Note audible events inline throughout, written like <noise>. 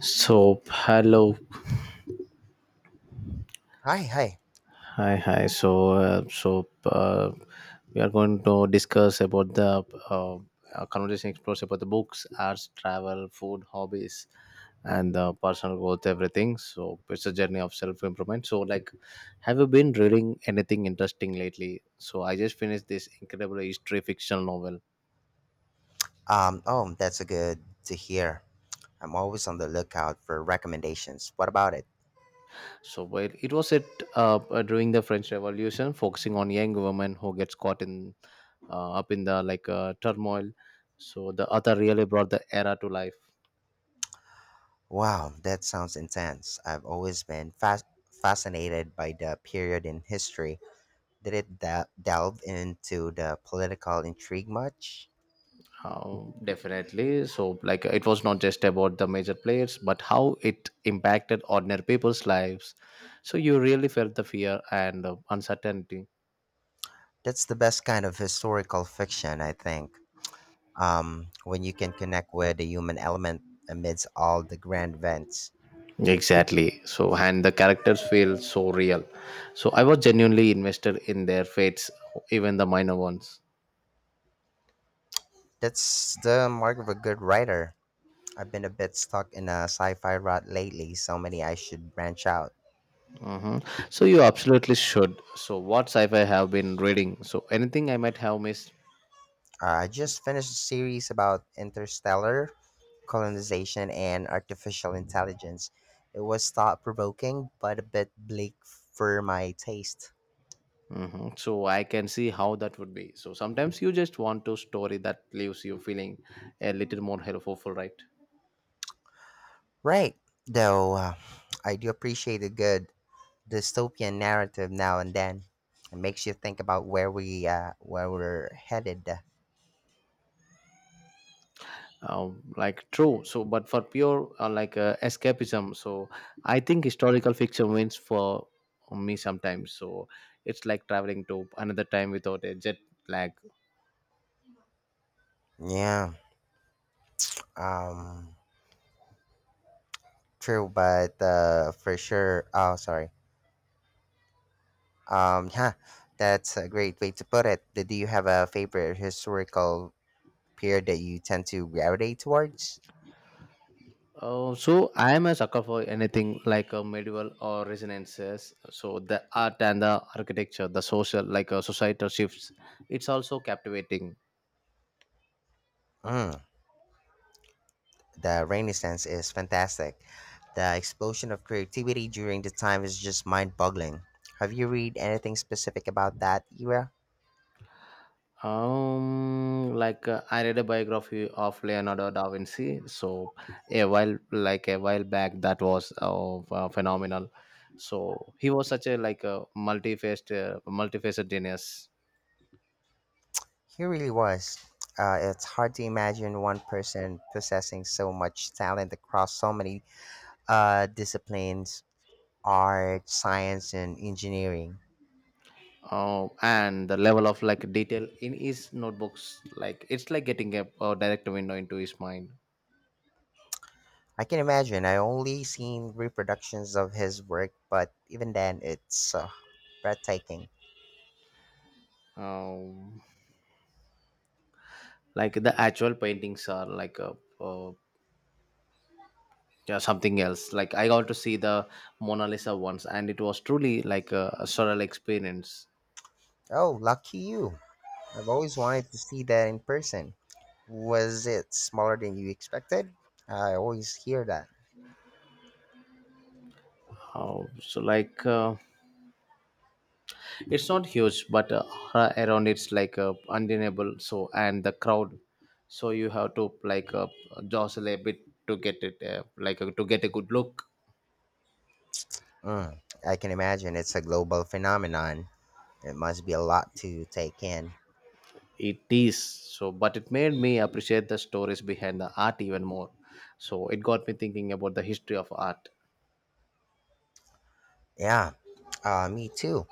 So hello, Hi, hi. hi. We are going to discuss about the uh, our conversation explores about the books, arts, travel, food, hobbies, and personal growth, everything. So it's a journey of self improvement. So like, have you been reading anything interesting lately? So I just finished this incredible history fiction novel. Oh, that's a good to hear. I'm always on the lookout for recommendations. What about it? So while it was set up during the French Revolution, focusing on young women who gets caught in up in the turmoil. So the author really brought the era to life. Wow, that sounds intense. I've always been fascinated by the period in history. Did it delve into the political intrigue much? How definitely. So like it was not just about the major players, but how it impacted ordinary people's lives. So you really felt the fear and uncertainty. That's the best kind of historical fiction, I think. When you can connect with the human element amidst all the grand events. Exactly. So and the characters feel so real. So I was genuinely invested in their fates, even the minor ones. That's the mark of a good writer. I've been a bit stuck in a sci fi rut lately, so many I should branch out. Hmm. So you absolutely should. So what sci-fi have been reading? So anything I might have missed. I just finished a series about interstellar colonization and artificial intelligence. It was thought provoking, but a bit bleak for my taste. Hmm. So I can see how that would be. So sometimes you just want to story that leaves you feeling a little more hopeful, right? Right, though, I do appreciate a good dystopian narrative now and then. It makes you think about where we're headed. Like true. So but for pure escapism. So I think historical fiction wins for me sometimes. So it's like traveling to another time without a jet lag. Yeah. Um. True, but for sure. Oh, sorry. Yeah, that's a great way to put it. Do you have a favorite historical peer that you tend to gravitate towards? Oh, so I am a sucker for anything like a medieval or resonances. So the art and the architecture, the social, societal shifts, it's also captivating. Mm, the Renaissance is fantastic. The explosion of creativity during the time is just mind boggling. Have you read anything specific about that era? I read a biography of Leonardo da Vinci. So a while, like a while back, that was phenomenal. So he was such a like a multifaceted genius. He really was. It's hard to imagine one person possessing so much talent across so many disciplines art, science, and engineering. And the level of like detail in his notebooks, like it's like getting a direct window into his mind. I can imagine. I only seen reproductions of his work, but even then, it's breathtaking. um, like the actual paintings are like uh yeah, something else. Like I got to see the Mona Lisa once and it was truly like a surreal experience. Oh, lucky you. I've always wanted to see that in person. Was it smaller than you expected? I always hear that. uh, so like uh, it's not huge, but around, it's undeniable. So and the crowd, so you have to jostle a bit to get it, to get a good look. Mm, I can imagine it's a global phenomenon. It must be a lot to take in. It is, so but it made me appreciate the stories behind the art even more. So it got me thinking about the history of art. Yeah, me too.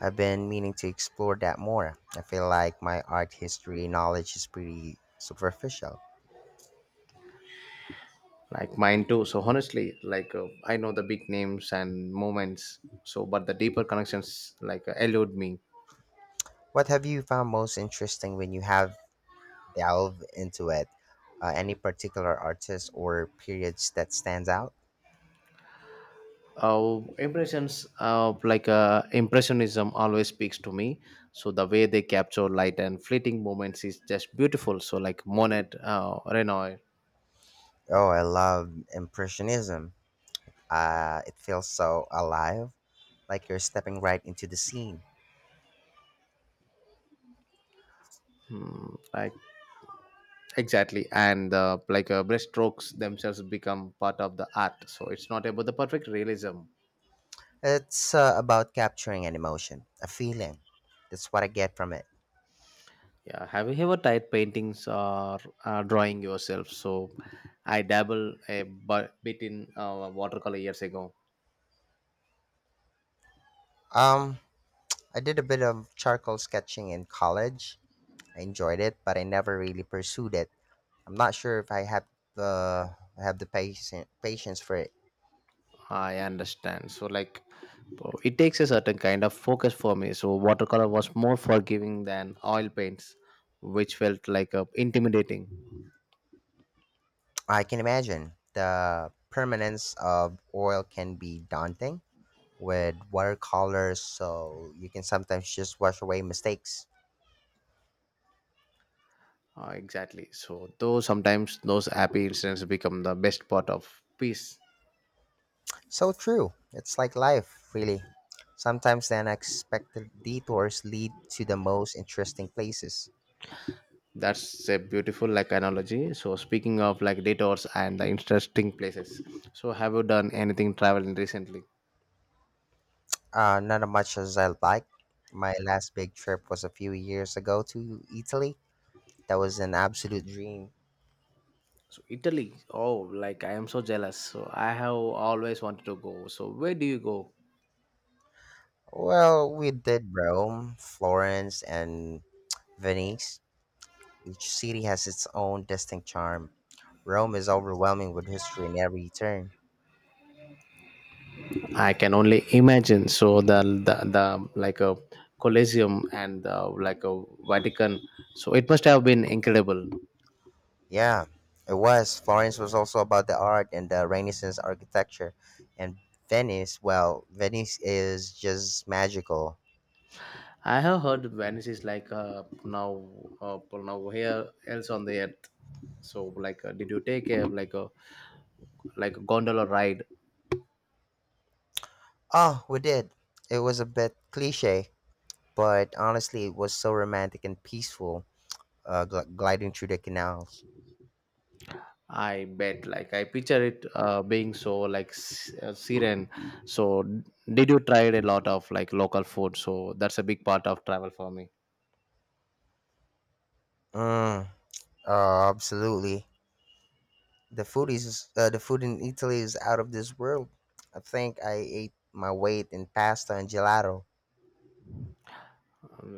I've been meaning to explore that more. I feel like my art history knowledge is pretty superficial. Like mine too. So honestly, I know the big names and moments, so but the deeper connections elude me. What have you found most interesting when you have delved into it? Any particular artist or periods that stands out? Impressions like Impressionism always speaks to me. So the way they capture light and fleeting moments is just beautiful. So like Monet, Renoir. Oh, I love Impressionism. It feels so alive, like you're stepping right into the scene. Like exactly. And brushstrokes themselves become part of the art. So it's not about the perfect realism. It's about capturing an emotion, a feeling. That's what I get from it. Yeah, have you ever tried paintings or drawing yourself? So I dabble bit in watercolor years ago. Um, I did a bit of charcoal sketching in college. I enjoyed it, but I never really pursued it. I'm not sure if I have the I have the patience for it. I understand. So like, oh, it takes a certain kind of focus for me. So watercolor was more forgiving than oil paints, which felt intimidating. I can imagine the permanence of oil can be daunting with watercolors, so you can sometimes just wash away mistakes. Exactly. So though sometimes those happy incidents become the best part of peace. So true. It's like life, really. Sometimes the unexpected detours lead to the most interesting places. That's a beautiful like analogy. So speaking of like detours and the interesting places, so have you done anything traveling recently? Not as much as I like. My last big trip was a few years ago to Italy. That was an absolute dream. So Italy, oh, like I am so jealous. So I have always wanted to go. So where do you go? Well, we did Rome, Florence, and Venice. Each city has its own distinct charm. Rome is overwhelming with history in every turn. I can only imagine. So the like a Colosseum and the, like a Vatican, so it must have been incredible. Yeah, it was. Florence was also about the art and the Renaissance architecture. And Venice, well, Venice is just magical. I have heard Venice is now well, now here else on the earth. So did you take a like gondola ride? Oh, we did. It was a bit cliche, but honestly, it was so romantic and peaceful, gliding through the canals. I bet. Like I picture it being so like serene. So did you try a lot of like local food? So that's a big part of travel for me. Mm, absolutely. The food in Italy is out of this world. I think I ate my weight in pasta and gelato.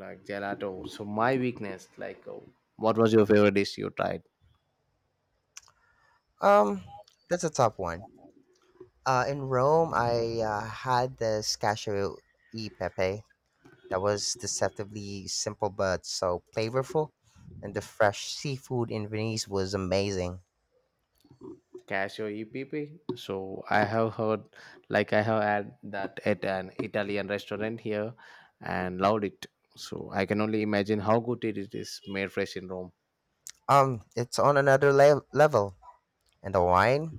Like gelato. So my weakness. What was your favorite dish you tried? Um, that's a top one. In Rome, I had the scaccio e pepe. That was deceptively simple but so flavorful, and the fresh seafood in Venice was amazing. Cashew epp. So I have heard, like I have had that at an Italian restaurant here and loved it. So I can only imagine how good it is made fresh in Rome. It's on another level. And the wine,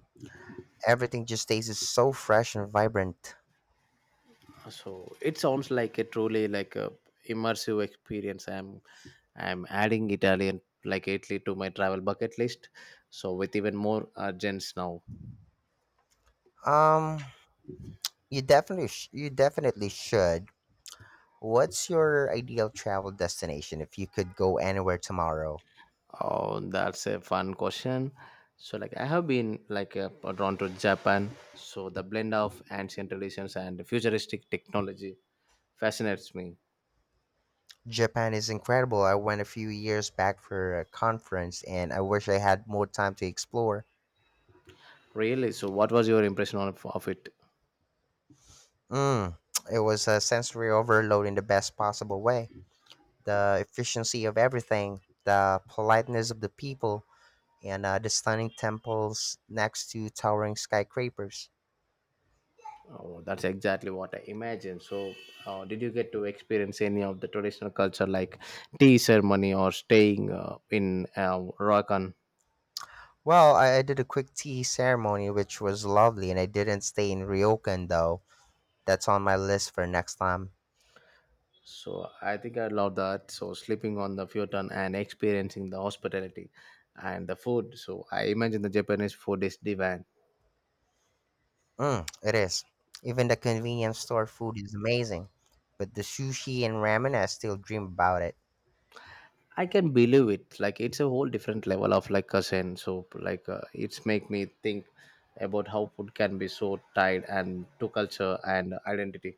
everything just tastes so fresh and vibrant. So it sounds like a truly like a immersive experience. I'm adding Italian, like Italy to my travel bucket list, so with even more urgence now. Um, you definitely you definitely should. What's your ideal travel destination if you could go anywhere tomorrow? Oh, that's a fun question. So like I have been drawn to Japan. So the blend of ancient traditions and futuristic technology fascinates me. Japan is incredible. I went a few years back for a conference and I wish I had more time to explore. Really? So what was your impression of it? Mm, <tsk> it was a sensory overload in the best possible way. The efficiency of everything, the politeness of the people, and the stunning temples next to towering skyscrapers. Oh, that's exactly what I imagined. So, did you get to experience any of the traditional culture, like tea ceremony or staying in Rakan? Well, I did a quick tea ceremony, which was lovely, and I didn't stay in Ryokan though. That's on my list for next time. So, I think I love that. So, sleeping on the futon and experiencing the hospitality and the food. So, I imagine the Japanese food is divine. Mm, it is. Even the convenience store food is amazing, but the sushi and ramen, I still dream about it. I can believe it. Like it's a whole different level of like cousin. So, it's make me think about how food can be so tied and to culture and identity.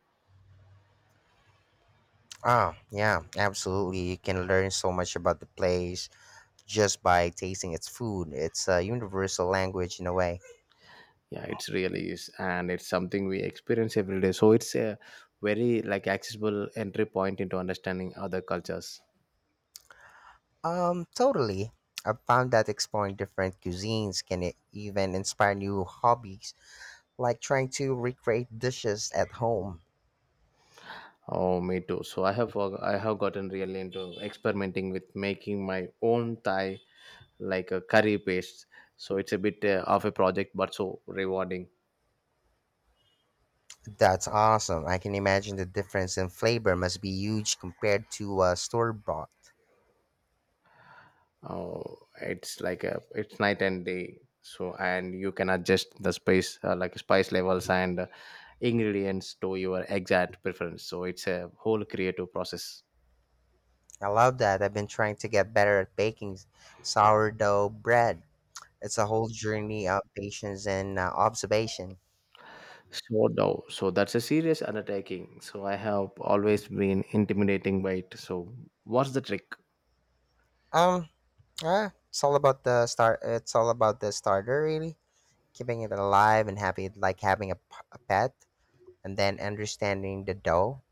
Oh, yeah, absolutely. You can learn so much about the place just by tasting its food. It's a universal language in a way. Yeah, it's really is, and it's something we experience every day. So it's a very like accessible entry point into understanding other cultures. Totally. I've found that exploring different cuisines can even inspire new hobbies, like trying to recreate dishes at home. Oh, me too. So I have gotten really into experimenting with making my own Thai like a curry paste. So it's a bit of a project, but so rewarding. That's awesome. I can imagine the difference in flavor must be huge compared to store bought. Oh, it's like a, it's night and day. So and you can adjust the space like spice levels and ingredients to your exact preference. So it's a whole creative process. I love that. I've been trying to get better at baking sourdough bread. It's a whole journey of patience and observation. So no, so that's a serious undertaking. So I have always been intimidating by it. So what's the trick? Um, yeah, It's all about the starter, really. Keeping it alive and happy, like having a pet, and then understanding the dough.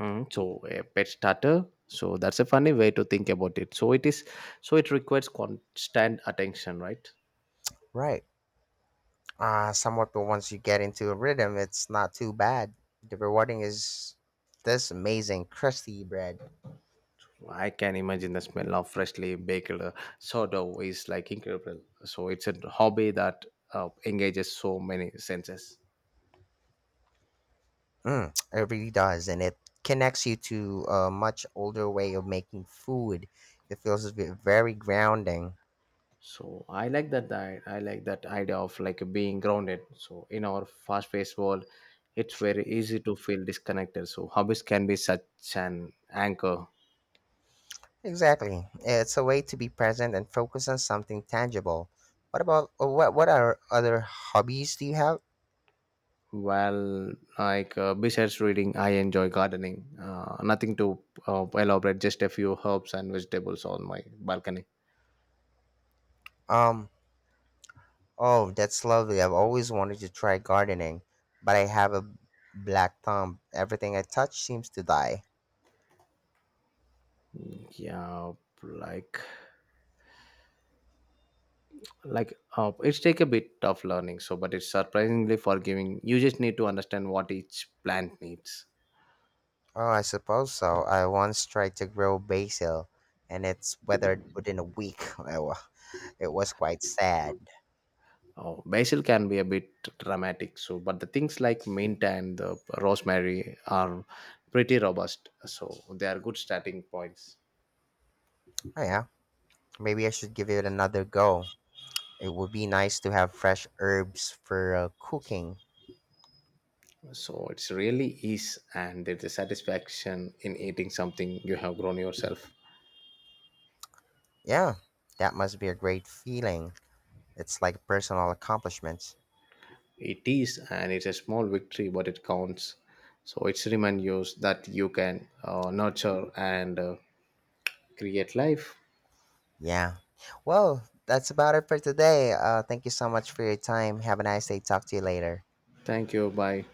Mm, so a pet starter. So that's a funny way to think about it. So it is. So it requires constant attention, right? Right. Somewhat, but once you get into a rhythm it's not too bad. The rewarding is this amazing crusty bread. I can imagine the smell of freshly baked sourdough is like incredible. So it's a hobby that engages so many senses. Mm, it really does, and it connects you to a much older way of making food. It feels a bit very grounding. So I like that, I like that idea of like being grounded. So in our fast paced world, it's very easy to feel disconnected. So hobbies can be such an anchor. Exactly, it's a way to be present and focus on something tangible. What about what are other hobbies do you have? Well, besides reading, I enjoy gardening. Nothing to elaborate, just a few herbs and vegetables on my balcony. um Oh, that's lovely. I've always wanted to try gardening, but I have a black thumb. Everything I touch seems to die. Yeah, like it's take a bit of learning. So, but it's surprisingly forgiving. You just need to understand what each plant needs. Oh, I suppose so. I once tried to grow basil, and it's withered within a week. <laughs> Well, it was quite sad. Oh, basil can be a bit dramatic. So, but the things like mint and the rosemary are pretty robust. So they are good starting points. Oh, yeah. Maybe I should give it another go. It would be nice to have fresh herbs for cooking. So it's really ease and there's a satisfaction in eating something you have grown yourself. Yeah, that must be a great feeling. It's like personal accomplishments. It is, and it's a small victory, but it counts. So it's remind you that you can nurture and create life. Yeah. Well, that's about it for today. Thank you so much for your time. Have a nice day. Talk to you later. Thank you. Bye.